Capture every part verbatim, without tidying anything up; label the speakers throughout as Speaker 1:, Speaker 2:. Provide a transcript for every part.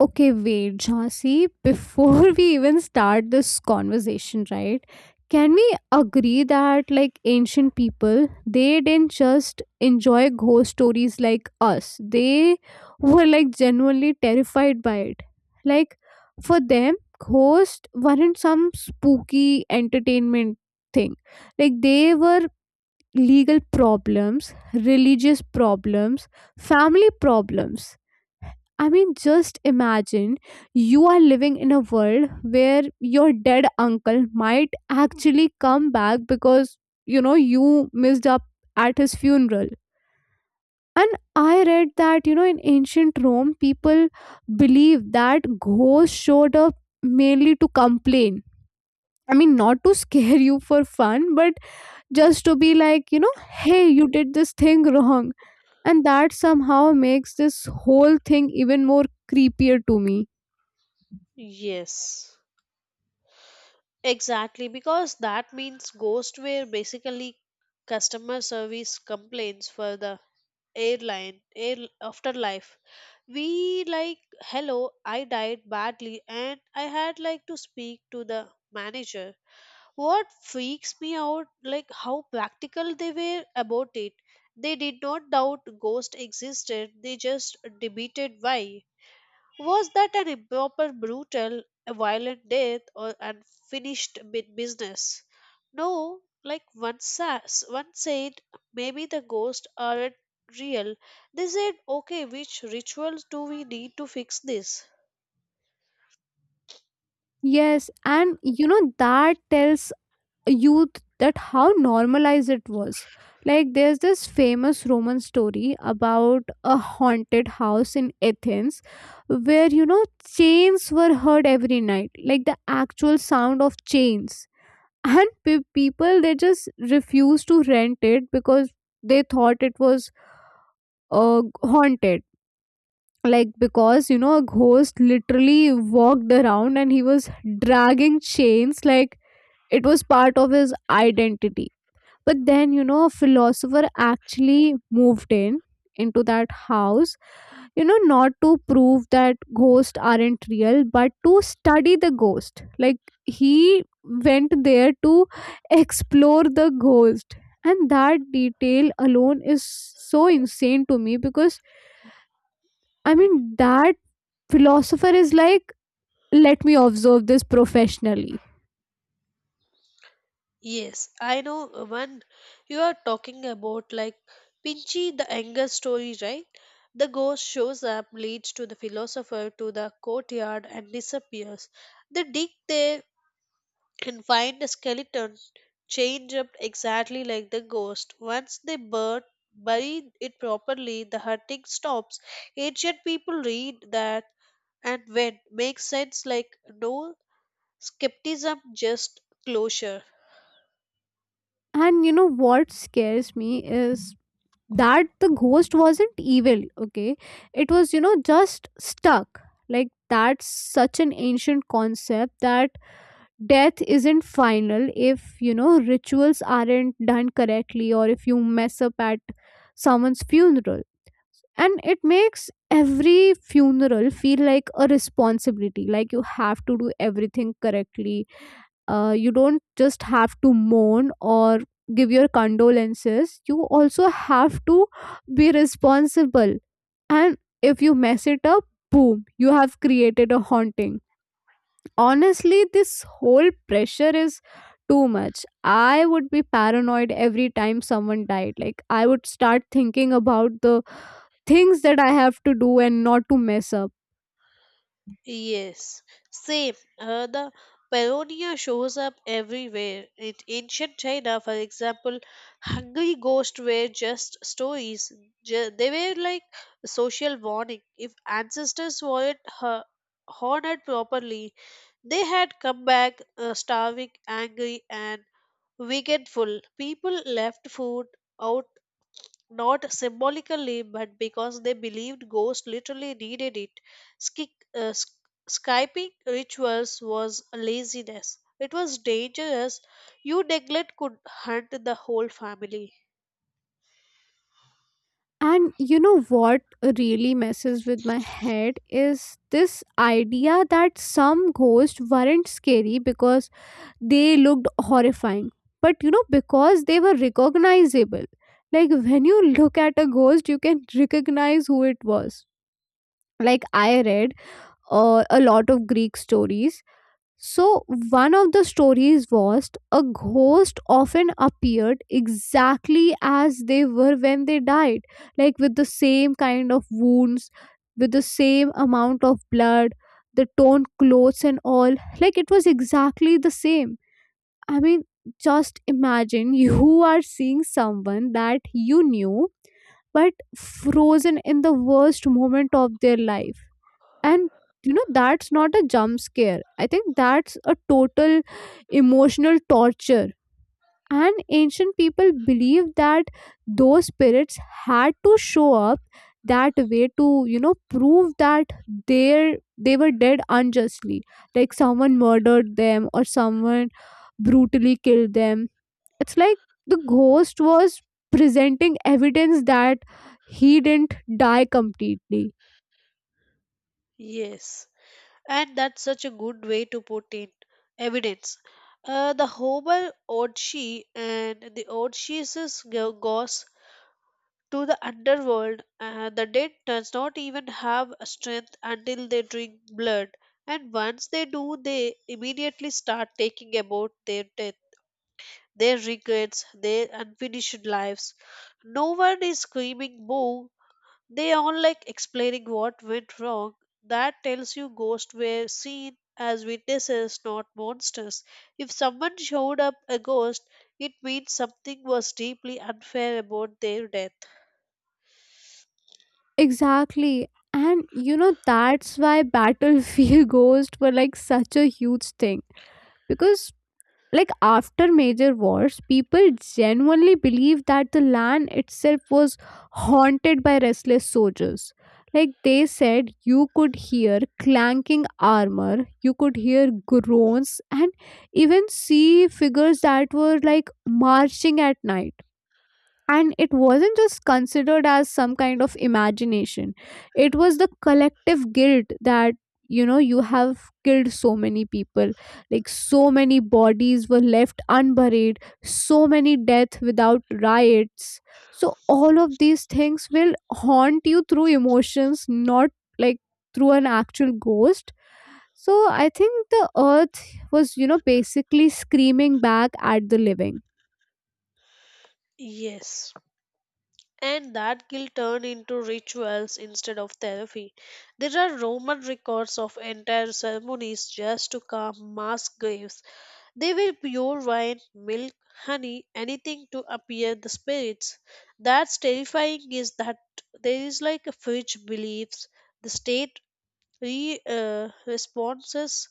Speaker 1: Okay, wait, Jhansi, before we even start this conversation, right? Can we agree that like ancient people, they didn't just enjoy ghost stories like us. They were like genuinely terrified by it. Like for them, ghosts weren't some spooky entertainment thing. Like they were legal problems, religious problems, family problems. I mean, just imagine you are living in a world where your dead uncle might actually come back because, you know, you missed up at his funeral. And I read that, you know, in ancient Rome, people believed that ghosts showed up mainly to complain. I mean, not to scare you for fun, but just to be like, you know, hey, you did this thing wrong. And that somehow makes this whole thing even more creepier to me.
Speaker 2: Yes, exactly. Because that means ghostware basically customer service complaints for the airline air afterlife. We like, hello, I died badly and I had like to speak to the manager. What freaks me out, like how practical they were about it. They did not doubt ghost existed. They just debated why. Was that an improper, brutal, a violent death, or unfinished bu- business? No, like one, sa- one said, maybe the ghosts aren't real. They said, okay, which rituals do we need to fix this?
Speaker 1: Yes, and you know that tells youth that how normalized it was. Like there's this famous Roman story about a haunted house in Athens where you know chains were heard every night, like the actual sound of chains. And pe- people they just refused to rent it because they thought it was uh, haunted. Like because you know a ghost literally walked around and he was dragging chains like it was part of his identity. But then, you know, a philosopher actually moved in into that house, you know, not to prove that ghosts aren't real, but to study the ghost. Like he went there to explore the ghost. And that detail alone is so insane to me because I mean that philosopher is like, let me observe this professionally.
Speaker 2: Yes, I know one you are talking about, like Pinchy the anger story, right? The ghost shows up, leads to the philosopher to the courtyard, and disappears. They dig there and find a skeleton changed up exactly like the ghost. Once they bur- bury it properly, the hunting stops. Ancient people read that and when makes sense like no skepticism, just closure.
Speaker 1: And you know what scares me is that the ghost wasn't evil, okay? It was, you know, just stuck. Like that's such an ancient concept that death isn't final if you know rituals aren't done correctly or if you mess up at someone's funeral, and it makes every funeral feel like a responsibility. Like you have to do everything correctly. Uh, you don't just have to mourn or give your condolences, you also have to be responsible, and if you mess it up, boom, you have created a haunting. Honestly, this whole pressure is too much. I would be paranoid every time someone died. Like I would start thinking about the things that I have to do and not to mess up.
Speaker 2: Yes, same. Uh, the parodia shows up everywhere. In ancient China, for example, hungry ghosts were just stories. Ju- they were like social warning. If ancestors weren't hu- honored properly, they had come back uh, starving, angry, and wickedful. People left food out not symbolically but because they believed ghosts literally needed it. Ski- uh, sk- Skyping rituals was laziness. It was dangerous. You neglect could hunt the whole family.
Speaker 1: And you know what really messes with my head is this idea that some ghosts weren't scary because they looked horrifying, but you know, because they were recognizable. Like when you look at a ghost, you can recognize who it was. Like I read uh, a lot of Greek stories. So, one of the stories was a ghost often appeared exactly as they were when they died, like with the same kind of wounds, with the same amount of blood, the torn clothes, and all. Like it was exactly the same. I mean, just imagine you are seeing someone that you knew but frozen in the worst moment of their life, and you know that's not a jump scare. I think that's a total emotional torture. And ancient people believed that those spirits had to show up that way to, you know, prove that they they were dead unjustly, like someone murdered them or someone brutally killed them. It's like the ghost was presenting evidence that he didn't die completely.
Speaker 2: Yes, and that's such a good way to put in evidence. Uh, the Hobel Odshi and the Odshi's ghosts to the underworld. Uh, the dead does not even have a strength until they drink blood, and once they do, they immediately start taking about their death, their regrets, their unfinished lives. No one is screaming boo. They all like explaining what went wrong. That tells you ghosts were seen as witnesses, not monsters. If someone showed up a ghost, it means something was deeply unfair about their death.
Speaker 1: Exactly. And you know, that's why Battlefield ghosts were like such a huge thing. Because, like, after major wars, people genuinely believed that the land itself was haunted by restless soldiers. Like, they said you could hear clanking armor, you could hear groans, and even see figures that were like marching at night, and it wasn't just considered as some kind of imagination. It was the collective guilt that, you know, you have killed so many people, like so many bodies were left unburied, so many deaths without riots. So all of these things will haunt you through emotions, not like through an actual ghost. So I think the earth was, you know, basically screaming back at the living.
Speaker 2: Yes, and that guilt turned into rituals instead of therapy. There are Roman records of entire ceremonies just to calm mass graves. They were pure wine, milk, honey, anything to appear the spirits. That's terrifying is that there is like a fridge beliefs. The state re, uh, responses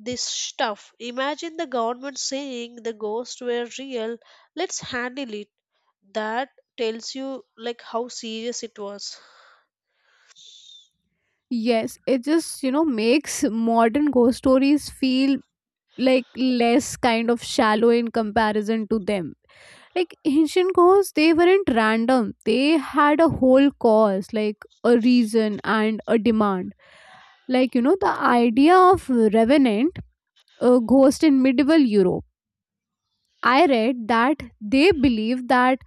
Speaker 2: this stuff. Imagine the government saying the ghosts were real, let's handle it. That tells you like how serious it was.
Speaker 1: Yes, it just, you know, makes modern ghost stories feel like less kind of shallow in comparison to them. Like ancient ghosts, they weren't random. They had a whole cause, like a reason and a demand. Like, you know, the idea of revenant, a ghost in medieval Europe. I read that they believed that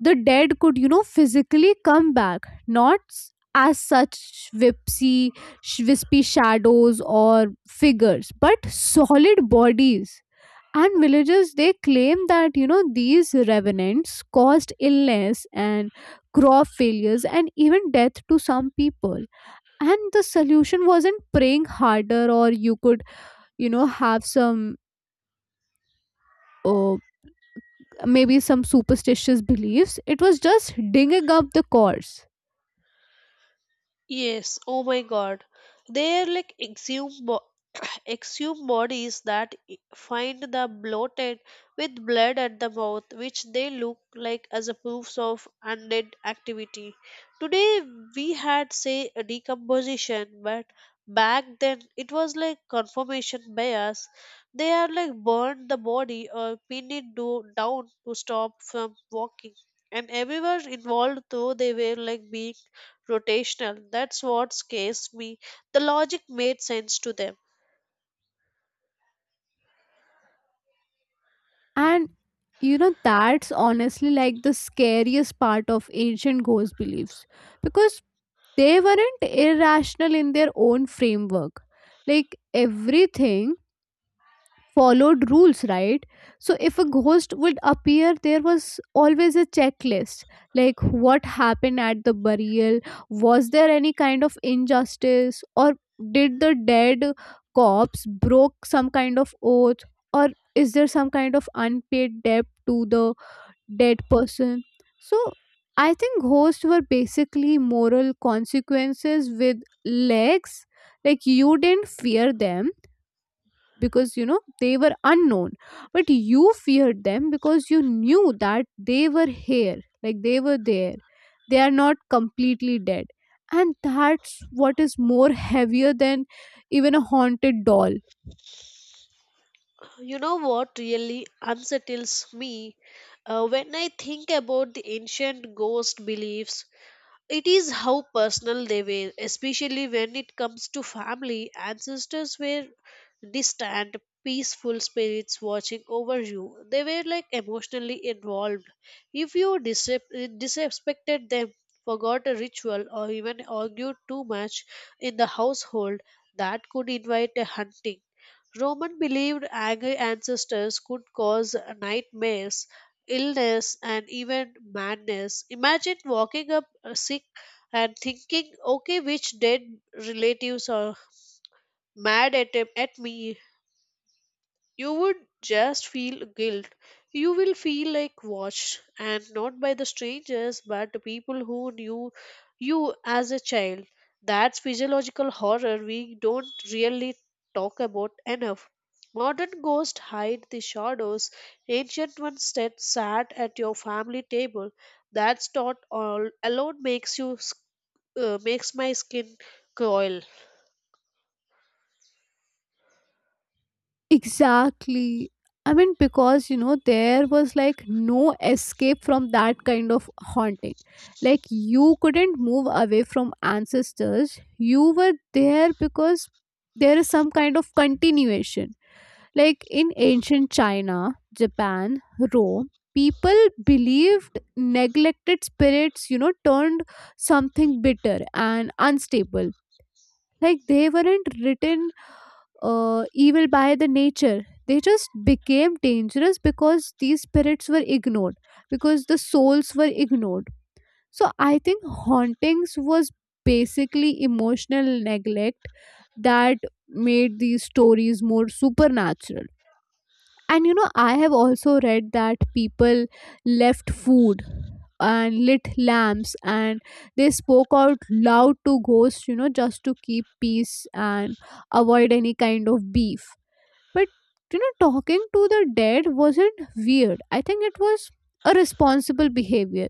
Speaker 1: the dead could you know physically come back, not s- as such whipsy sh- wispy shadows or figures but solid bodies, and villagers they claim that you know these revenants caused illness and crop failures and even death to some people, and the solution wasn't praying harder or you could, you know, have some uh, maybe some superstitious beliefs. It was just digging up the corpse.
Speaker 2: Yes, oh my god. They're like exhumed exhumed bodies that i- find the bloated with blood at the mouth, which they look like as a proofs of undead activity. Today we had say a decomposition, but back then it was like confirmation bias. They had like burned the body or pinned it do- down to stop from walking. And everyone involved though they were like being rotational. That's what scares me. The logic made sense to them.
Speaker 1: And you know, that's honestly like the scariest part of ancient ghost beliefs because they weren't irrational in their own framework. Like everything followed rules, right? So if a ghost would appear there was always a checklist, like what happened at the burial, was there any kind of injustice, or did the dead corpse broke some kind of oath, or is there some kind of unpaid debt to the dead person? So I think ghosts were basically moral consequences with legs. Like you didn't fear them because you know they were unknown, but you feared them because you knew that they were here, like they were there, they are not completely dead. And that's what is more heavier than even a haunted doll.
Speaker 2: You know what really unsettles me? Uh, when I think about the ancient ghost beliefs, it is how personal they were, especially when it comes to family. Ancestors were distant, peaceful spirits watching over you. They were like emotionally involved. If you disrep- uh, disrespected them, forgot a ritual, or even argued too much in the household, that could invite a hunting. Roman believed angry ancestors could cause nightmares illness, and even madness. Imagine walking up uh, sick and thinking, okay, which dead relatives are mad at, at me? You would just feel guilt. You will feel like watched, and not by the strangers, but the people who knew you as a child. That's physiological horror we don't really talk about enough. Modern ghosts hide the shadows. Ancient ones that sat at your family table. That thought all alone makes you s- uh, makes my skin coil.
Speaker 1: Exactly. I mean because you know there was like no escape from that kind of haunting. Like you couldn't move away from ancestors, you were there because there is some kind of continuation. Like in ancient China, Japan, Rome, people believed neglected spirits, you know, turned something bitter and unstable. Like they weren't written uh, evil by the nature. They just became dangerous because these spirits were ignored, because the souls were ignored. So I think hauntings was basically emotional neglect that made these stories more supernatural. And you know, I have also read that people left food and lit lamps and they spoke out loud to ghosts, you know, just to keep peace and avoid any kind of beef. But you know, talking to the dead wasn't weird. I think it was a responsible behavior.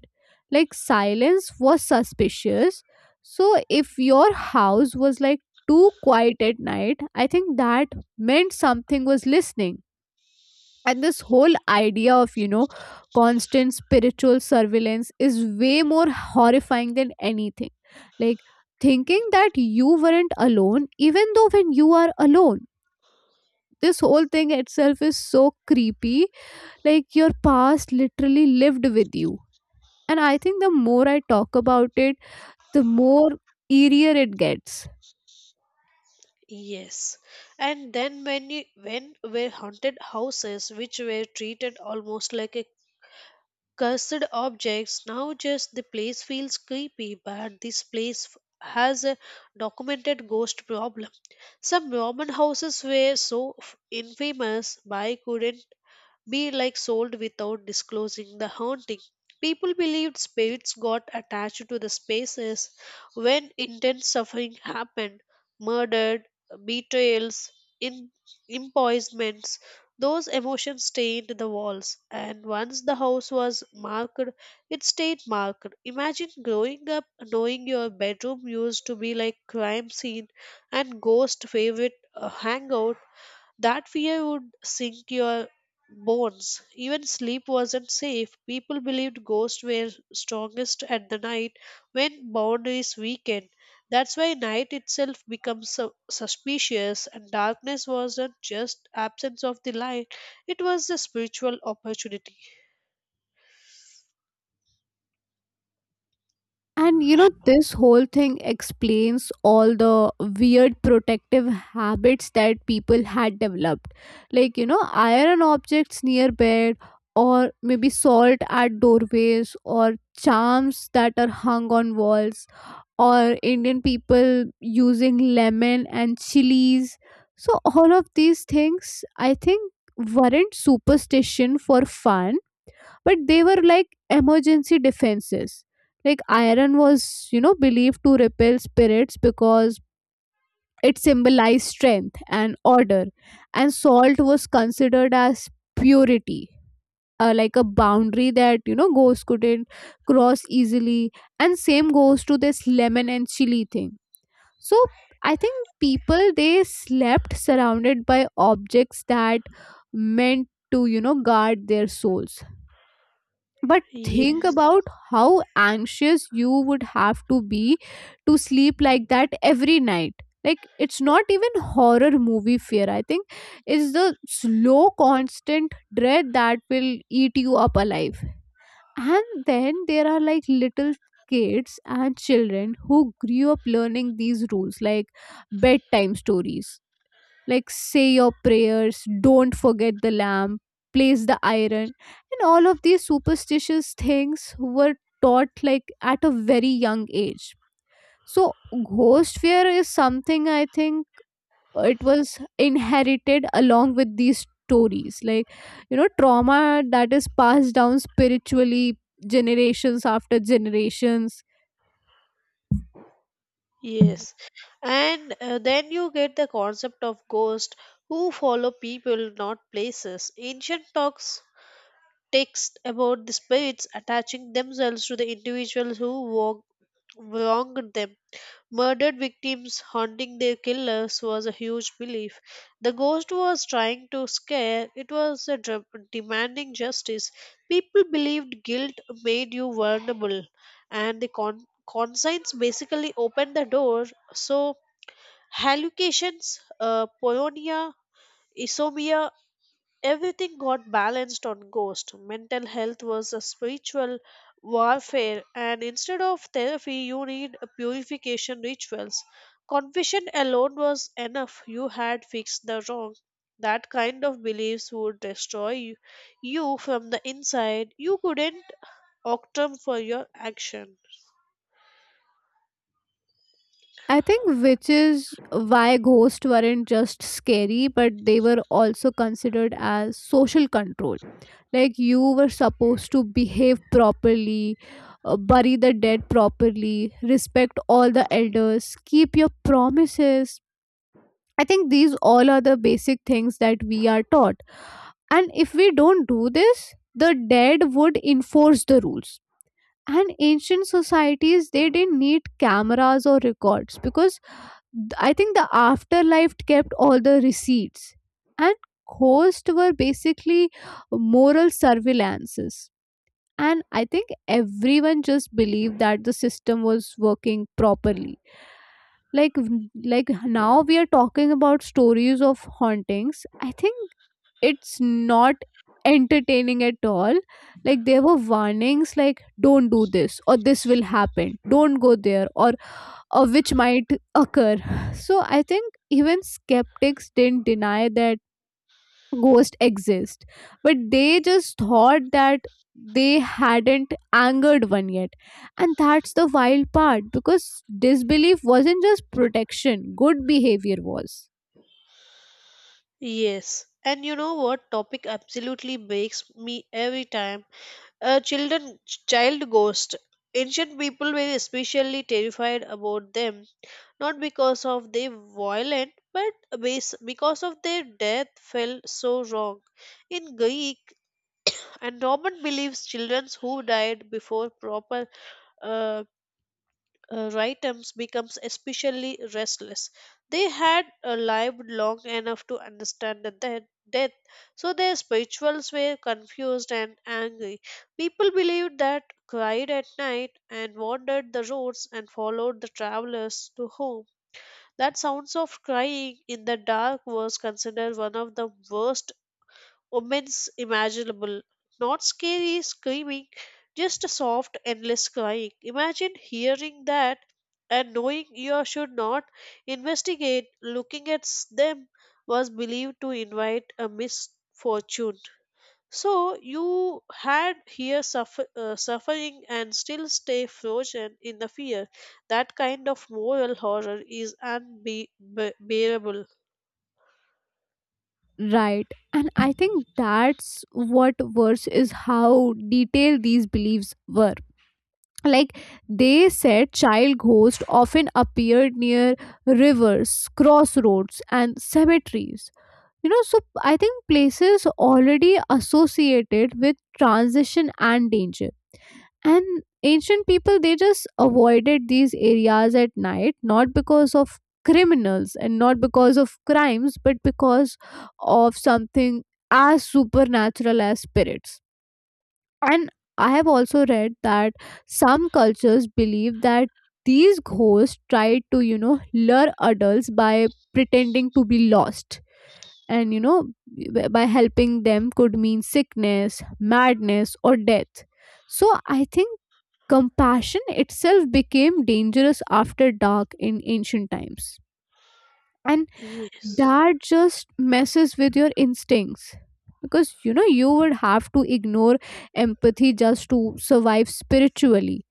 Speaker 1: Like silence was suspicious. So if your house was like too quiet at night, I think that meant something was listening, and this whole idea of you know constant spiritual surveillance is way more horrifying than anything. Like thinking that you weren't alone even though when you are alone, this whole thing itself is so creepy. Like your past literally lived with you, and I think the more I talk about it, the more eerier it gets.
Speaker 2: Yes, and then when you, when were haunted houses, which were treated almost like a cursed objects, now just the place feels creepy, but this place f- has a documented ghost problem. Some Roman houses were so f- infamous by couldn't be like sold without disclosing the haunting. People believed spirits got attached to the spaces when intense suffering happened, murdered, betrayals, in, impoisonments. Those emotions stained the walls, and once the house was marked, it stayed marked. Imagine growing up knowing your bedroom used to be like crime scene and ghost favorite uh, hangout that fear would sink your bones. Even sleep wasn't safe. People believed ghosts were strongest at the night when boundaries weakened. That's why night itself becomes su- suspicious, and darkness wasn't just absence of the light, it was a spiritual opportunity.
Speaker 1: And you know, this whole thing explains all the weird protective habits that people had developed. Like, you know, iron objects near bed, or maybe salt at doorways, or charms that are hung on walls, or Indian people using lemon and chilies. So, all of these things, I think, weren't superstition for fun but they were like emergency defenses. Like iron was, you know, believed to repel spirits because it symbolized strength and order, and salt was considered as purity. Uh, like a boundary that you know ghosts couldn't cross easily, and same goes to this lemon and chili thing. So I think people they slept surrounded by objects that meant to you know guard their souls. But think
Speaker 2: Yes.
Speaker 1: about how anxious you would have to be to sleep like that every night. Like it's not even horror movie fear. I think it's the slow, constant dread that will eat you up alive. And then there are like little kids and children who grew up learning these rules, like bedtime stories, like say your prayers, don't forget the lamp, place the iron, and all of these superstitious things were taught like at a very young age. So, ghost fear is something I think it was inherited along with these stories, like you know, trauma that is passed down spiritually generations after generations.
Speaker 2: Yes. And uh, then you get the concept of ghosts who follow people, not places. Ancient talks text about the spirits attaching themselves to the individuals who wrong- wronged them. Murdered victims haunting their killers was a huge belief. The ghost was trying to scare, it was a dra- demanding justice. People believed guilt made you vulnerable, and the con- conscience basically opened the door. So, hallucinations, uh, polonia, everything got balanced on Ghost. Mental health was a spiritual warfare, and instead of therapy, you need a purification rituals. Confession alone was enough. You had fixed the wrong. That kind of beliefs would destroy you, you from the inside. You couldn't octrum for your action.
Speaker 1: I think which is why ghosts weren't just scary, but they were also considered as social control. Like you were supposed to behave properly, uh, bury the dead properly, respect all the elders, keep your promises. I think these all are the basic things that we are taught. And if we don't do this, the dead would enforce the rules. And ancient societies, they didn't need cameras or records because Th- I think the afterlife kept all the receipts, and ghosts were basically moral surveillances. And I think everyone just believed that the system was working properly. Like, w- like now we are talking about stories of hauntings. I think it's not entertaining at all. Like there were warnings, like don't do this or this will happen. Don't go there or uh, which might occur. So I think even skeptics didn't deny that ghosts exist, but they just thought that they hadn't angered one yet. And that's the wild part, because disbelief wasn't just protection, good behavior was.
Speaker 2: Yes. And you know what topic absolutely breaks me every time? A children Child ghost. Ancient people were especially terrified about them, not because of their violent, but bas- because of their death felt so wrong. In Greek and Roman beliefs, children who died before proper uh, uh, Rightums becomes especially restless. They had uh, lived long enough to understand the death, death, so their spirituals were confused and angry. People believed that cried at night and wandered the roads and followed the travelers to home. That sounds of crying in the dark was considered one of the worst immense imaginable, not scary screaming, just a soft endless crying. Imagine hearing that and knowing you should not investigate. Looking at s- them was believed to invite a misfortune, so you had here suffer, uh, suffering and still stay frozen in the fear. That kind of moral horror is unbearable.
Speaker 1: Right. And I think that's what worse is how detailed these beliefs were. Like they said, child ghosts often appeared near rivers, crossroads, and cemeteries. You know, so I think places already associated with transition and danger, and ancient people, they just avoided these areas at night, not because of criminals and not because of crimes, but because of something as supernatural as spirits. And I have also read that some cultures believe that these ghosts try to, you know, lure adults by pretending to be lost, and you know, b- by helping them could mean sickness, madness, or death. So I think compassion itself became dangerous after dark in ancient times. And
Speaker 2: Yes,
Speaker 1: that just messes with your instincts. Because you know, you would have to ignore empathy just to survive spiritually.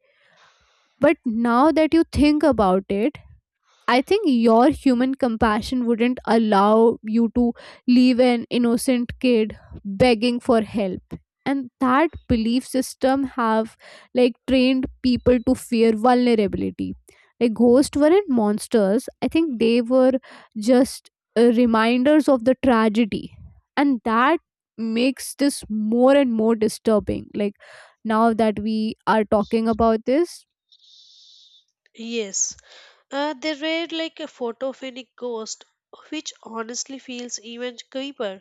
Speaker 1: But now that you think about it, I think your human compassion wouldn't allow you to leave an innocent kid begging for help. And that belief system have like trained people to fear vulnerability. Like ghosts weren't monsters. I think they were just uh, reminders of the tragedy. And that makes this more and more disturbing. Like now that we are talking about this,
Speaker 2: yes. Uh, they read like a photogenic ghost, which honestly feels even creepier.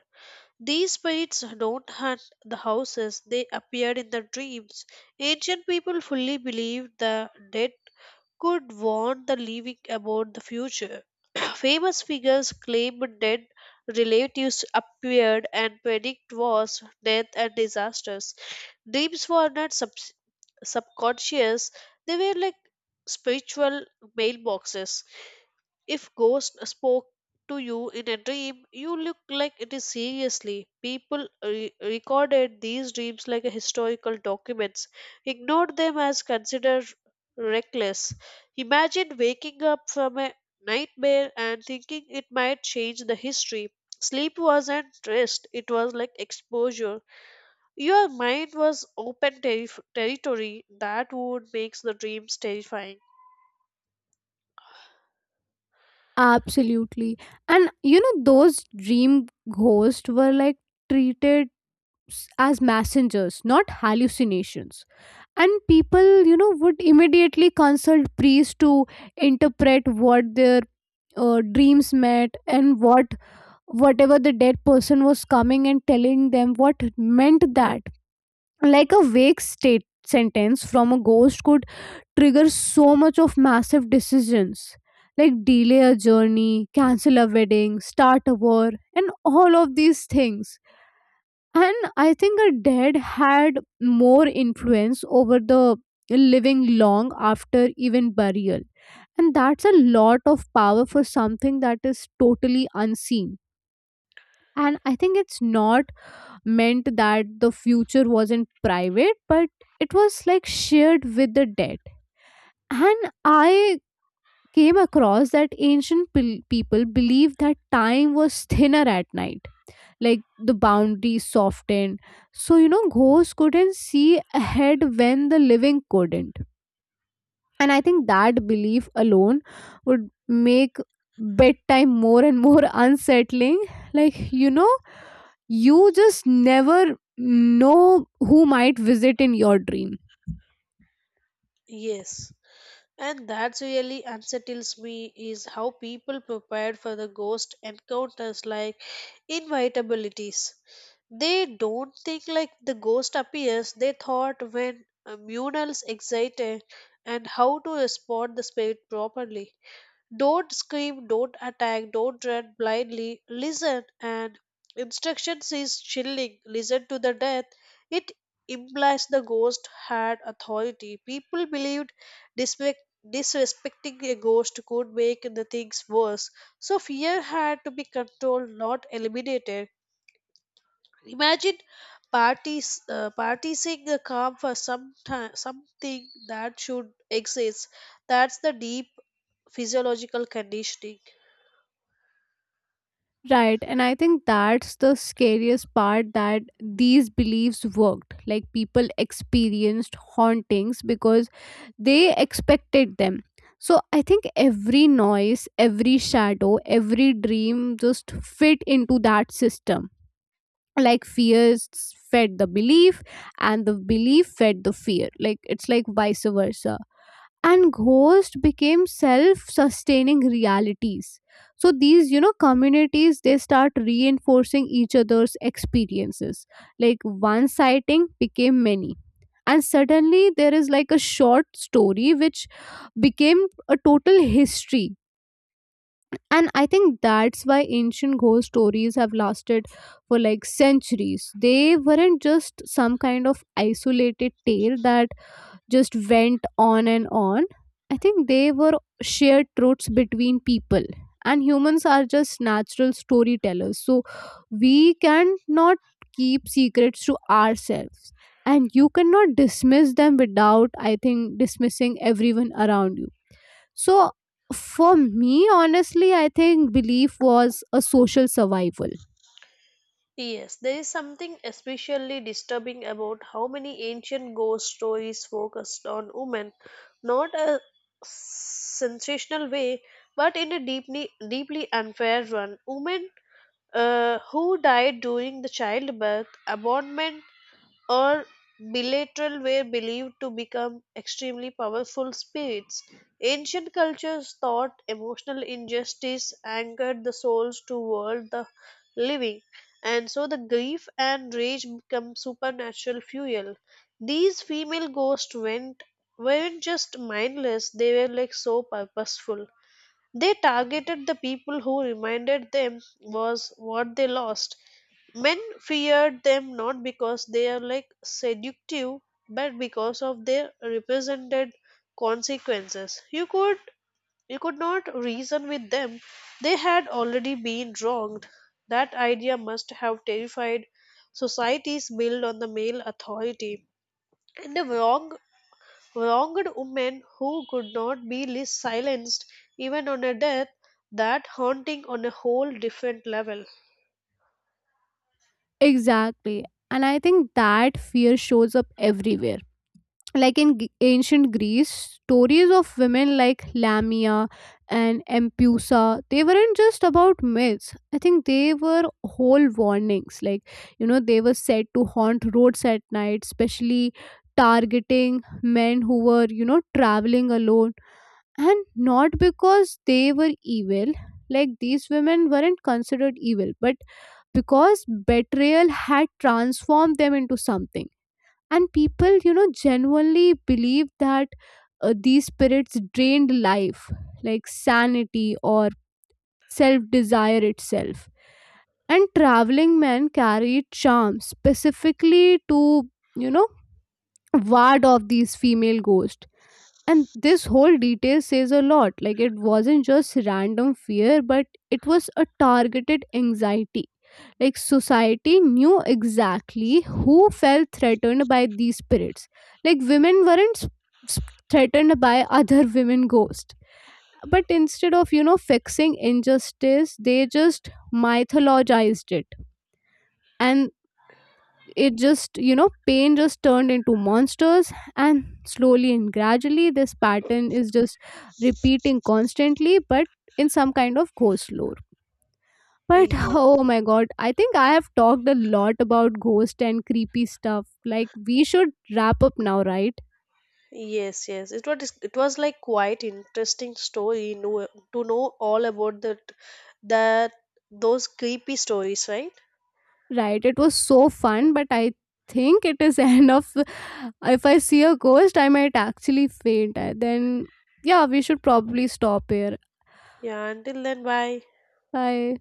Speaker 2: These spirits don't hunt the houses, they appeared in the dreams. Ancient people fully believed the dead could warn the living about the future. Famous figures claimed dead relatives appeared and predict wars, death, and disasters. Dreams were not sub- subconscious, they were like spiritual mailboxes. If ghost spoke to you in a dream, you look like it is seriously. People re- recorded these dreams like a historical documents, ignored them as considered reckless. Imagine waking up from a nightmare and thinking it might change the history. Sleep wasn't rest, it was like exposure. Your mind was open terri- territory that would makes the dreams terrifying.
Speaker 1: absolutely. And you know, those dream ghosts were like treated s- as messengers, not hallucinations. And people, you know, would immediately consult priests to interpret what their uh, dreams meant, and what whatever the dead person was coming and telling them what meant, that like a vague state sentence from a ghost could triggers so much of massive decisions, like delay a journey, cancel a wedding, start a war, and all of these things. And I think a dead had more influence over the living long after even burial. And that's a lot of power for something that is totally unseen. And I think it's not meant that the future wasn't private, but it was like shared with the dead. And I came across that ancient pil- people believed that time was thinner at night, like the boundaries softened, so you know, ghosts couldn't see ahead when the living couldn't. And I think that belief alone would make bedtime more and more unsettling. Like you know, you just never know who might visit in your dream.
Speaker 2: Yes. And that really unsettles me is how people prepare for the ghost encounters like inevitabilities. They don't think like the ghost appears, they thought when a murals excited and how to spot the spirit properly. Don't scream, don't attack, don't run blindly. Listen, and instructions is chilling. Listen to the death. It implies the ghost had authority. People believed disrespect, disrespecting a ghost could make the things worse. So fear had to be controlled, not eliminated. Imagine parties uh, partying a calm for some time, something that should exist. That's the deep physiological conditioning.
Speaker 1: Right. And I think that's the scariest part, that these beliefs worked. Like people experienced hauntings because they expected them. So I think every noise, every shadow, every dream just fit into that system. Like fears fed the belief and the belief fed the fear. Like it's like vice versa, and ghosts became self-sustaining realities. So these, you know, communities, they start reinforcing each other's experiences, like one sighting became many, and suddenly there is like a short story which became a total history. And I think that's why ancient ghost stories have lasted for like centuries. They weren't just some kind of isolated tale that just went on and on. I think they were shared truths between people, and humans are just natural storytellers. So we cannot keep secrets to ourselves, and you cannot dismiss them without, I think, dismissing everyone around you. So for me, honestly, I think belief was a social survival.
Speaker 2: Yes, there is something especially disturbing about how many ancient ghost stories focused on women, not a sensational way, but in a deeply deeply unfair one. Women uh, who died during the childbirth, abandonment, or bilateral were believed to become extremely powerful spirits. Ancient cultures thought emotional injustice angered the souls toward the living, and so the grief and rage become supernatural fuel. These female ghosts went weren't just mindless, they were like so purposeful. They targeted the people who reminded them was what they lost. Men feared them not because they are like seductive, but because of their represented consequences. You could, you could not reason with them. They had already been wronged. That idea must have terrified societies built on the male authority, and the wrong wronged woman who could not be lis- silenced even on a death. That haunting on a whole different level.
Speaker 1: Exactly. And I think that fear shows up everywhere, like in G- ancient Greece, stories of women like Lamia and Empusa, they weren't just about myths. I think they were whole warnings, like you know, they were said to haunt roads at night, especially targeting men who were, you know, traveling alone. And not because they were evil, like these women weren't considered evil, but because betrayal had transformed them into something. And people, you know, genuinely believe that uh, these spirits drained life, like sanity or self desire itself. And traveling men carried charms specifically to, you know, ward off these female ghosts. And this whole detail says a lot, like it wasn't just random fear, but it was a targeted anxiety. Like society knew exactly who felt threatened by these spirits. Like women weren't s- s- threatened by other women ghosts. But instead of, you know, fixing injustice, they just mythologized it. And it just, you know, pain just turned into monsters. And slowly and gradually, this pattern is just repeating constantly, but in some kind of ghost lore. But
Speaker 2: Yes.
Speaker 1: oh my god, I think I have talked a lot about ghost and creepy stuff. Like we should wrap up now, right?
Speaker 2: Yes, yes. It was, it was like quite interesting story know, to know all about that that those creepy stories, right?
Speaker 1: Right. It was so fun, but I think it is end of if I see a ghost, I might actually faint. I- Then yeah, we should probably stop here.
Speaker 2: Yeah, until then bye.
Speaker 1: Bye.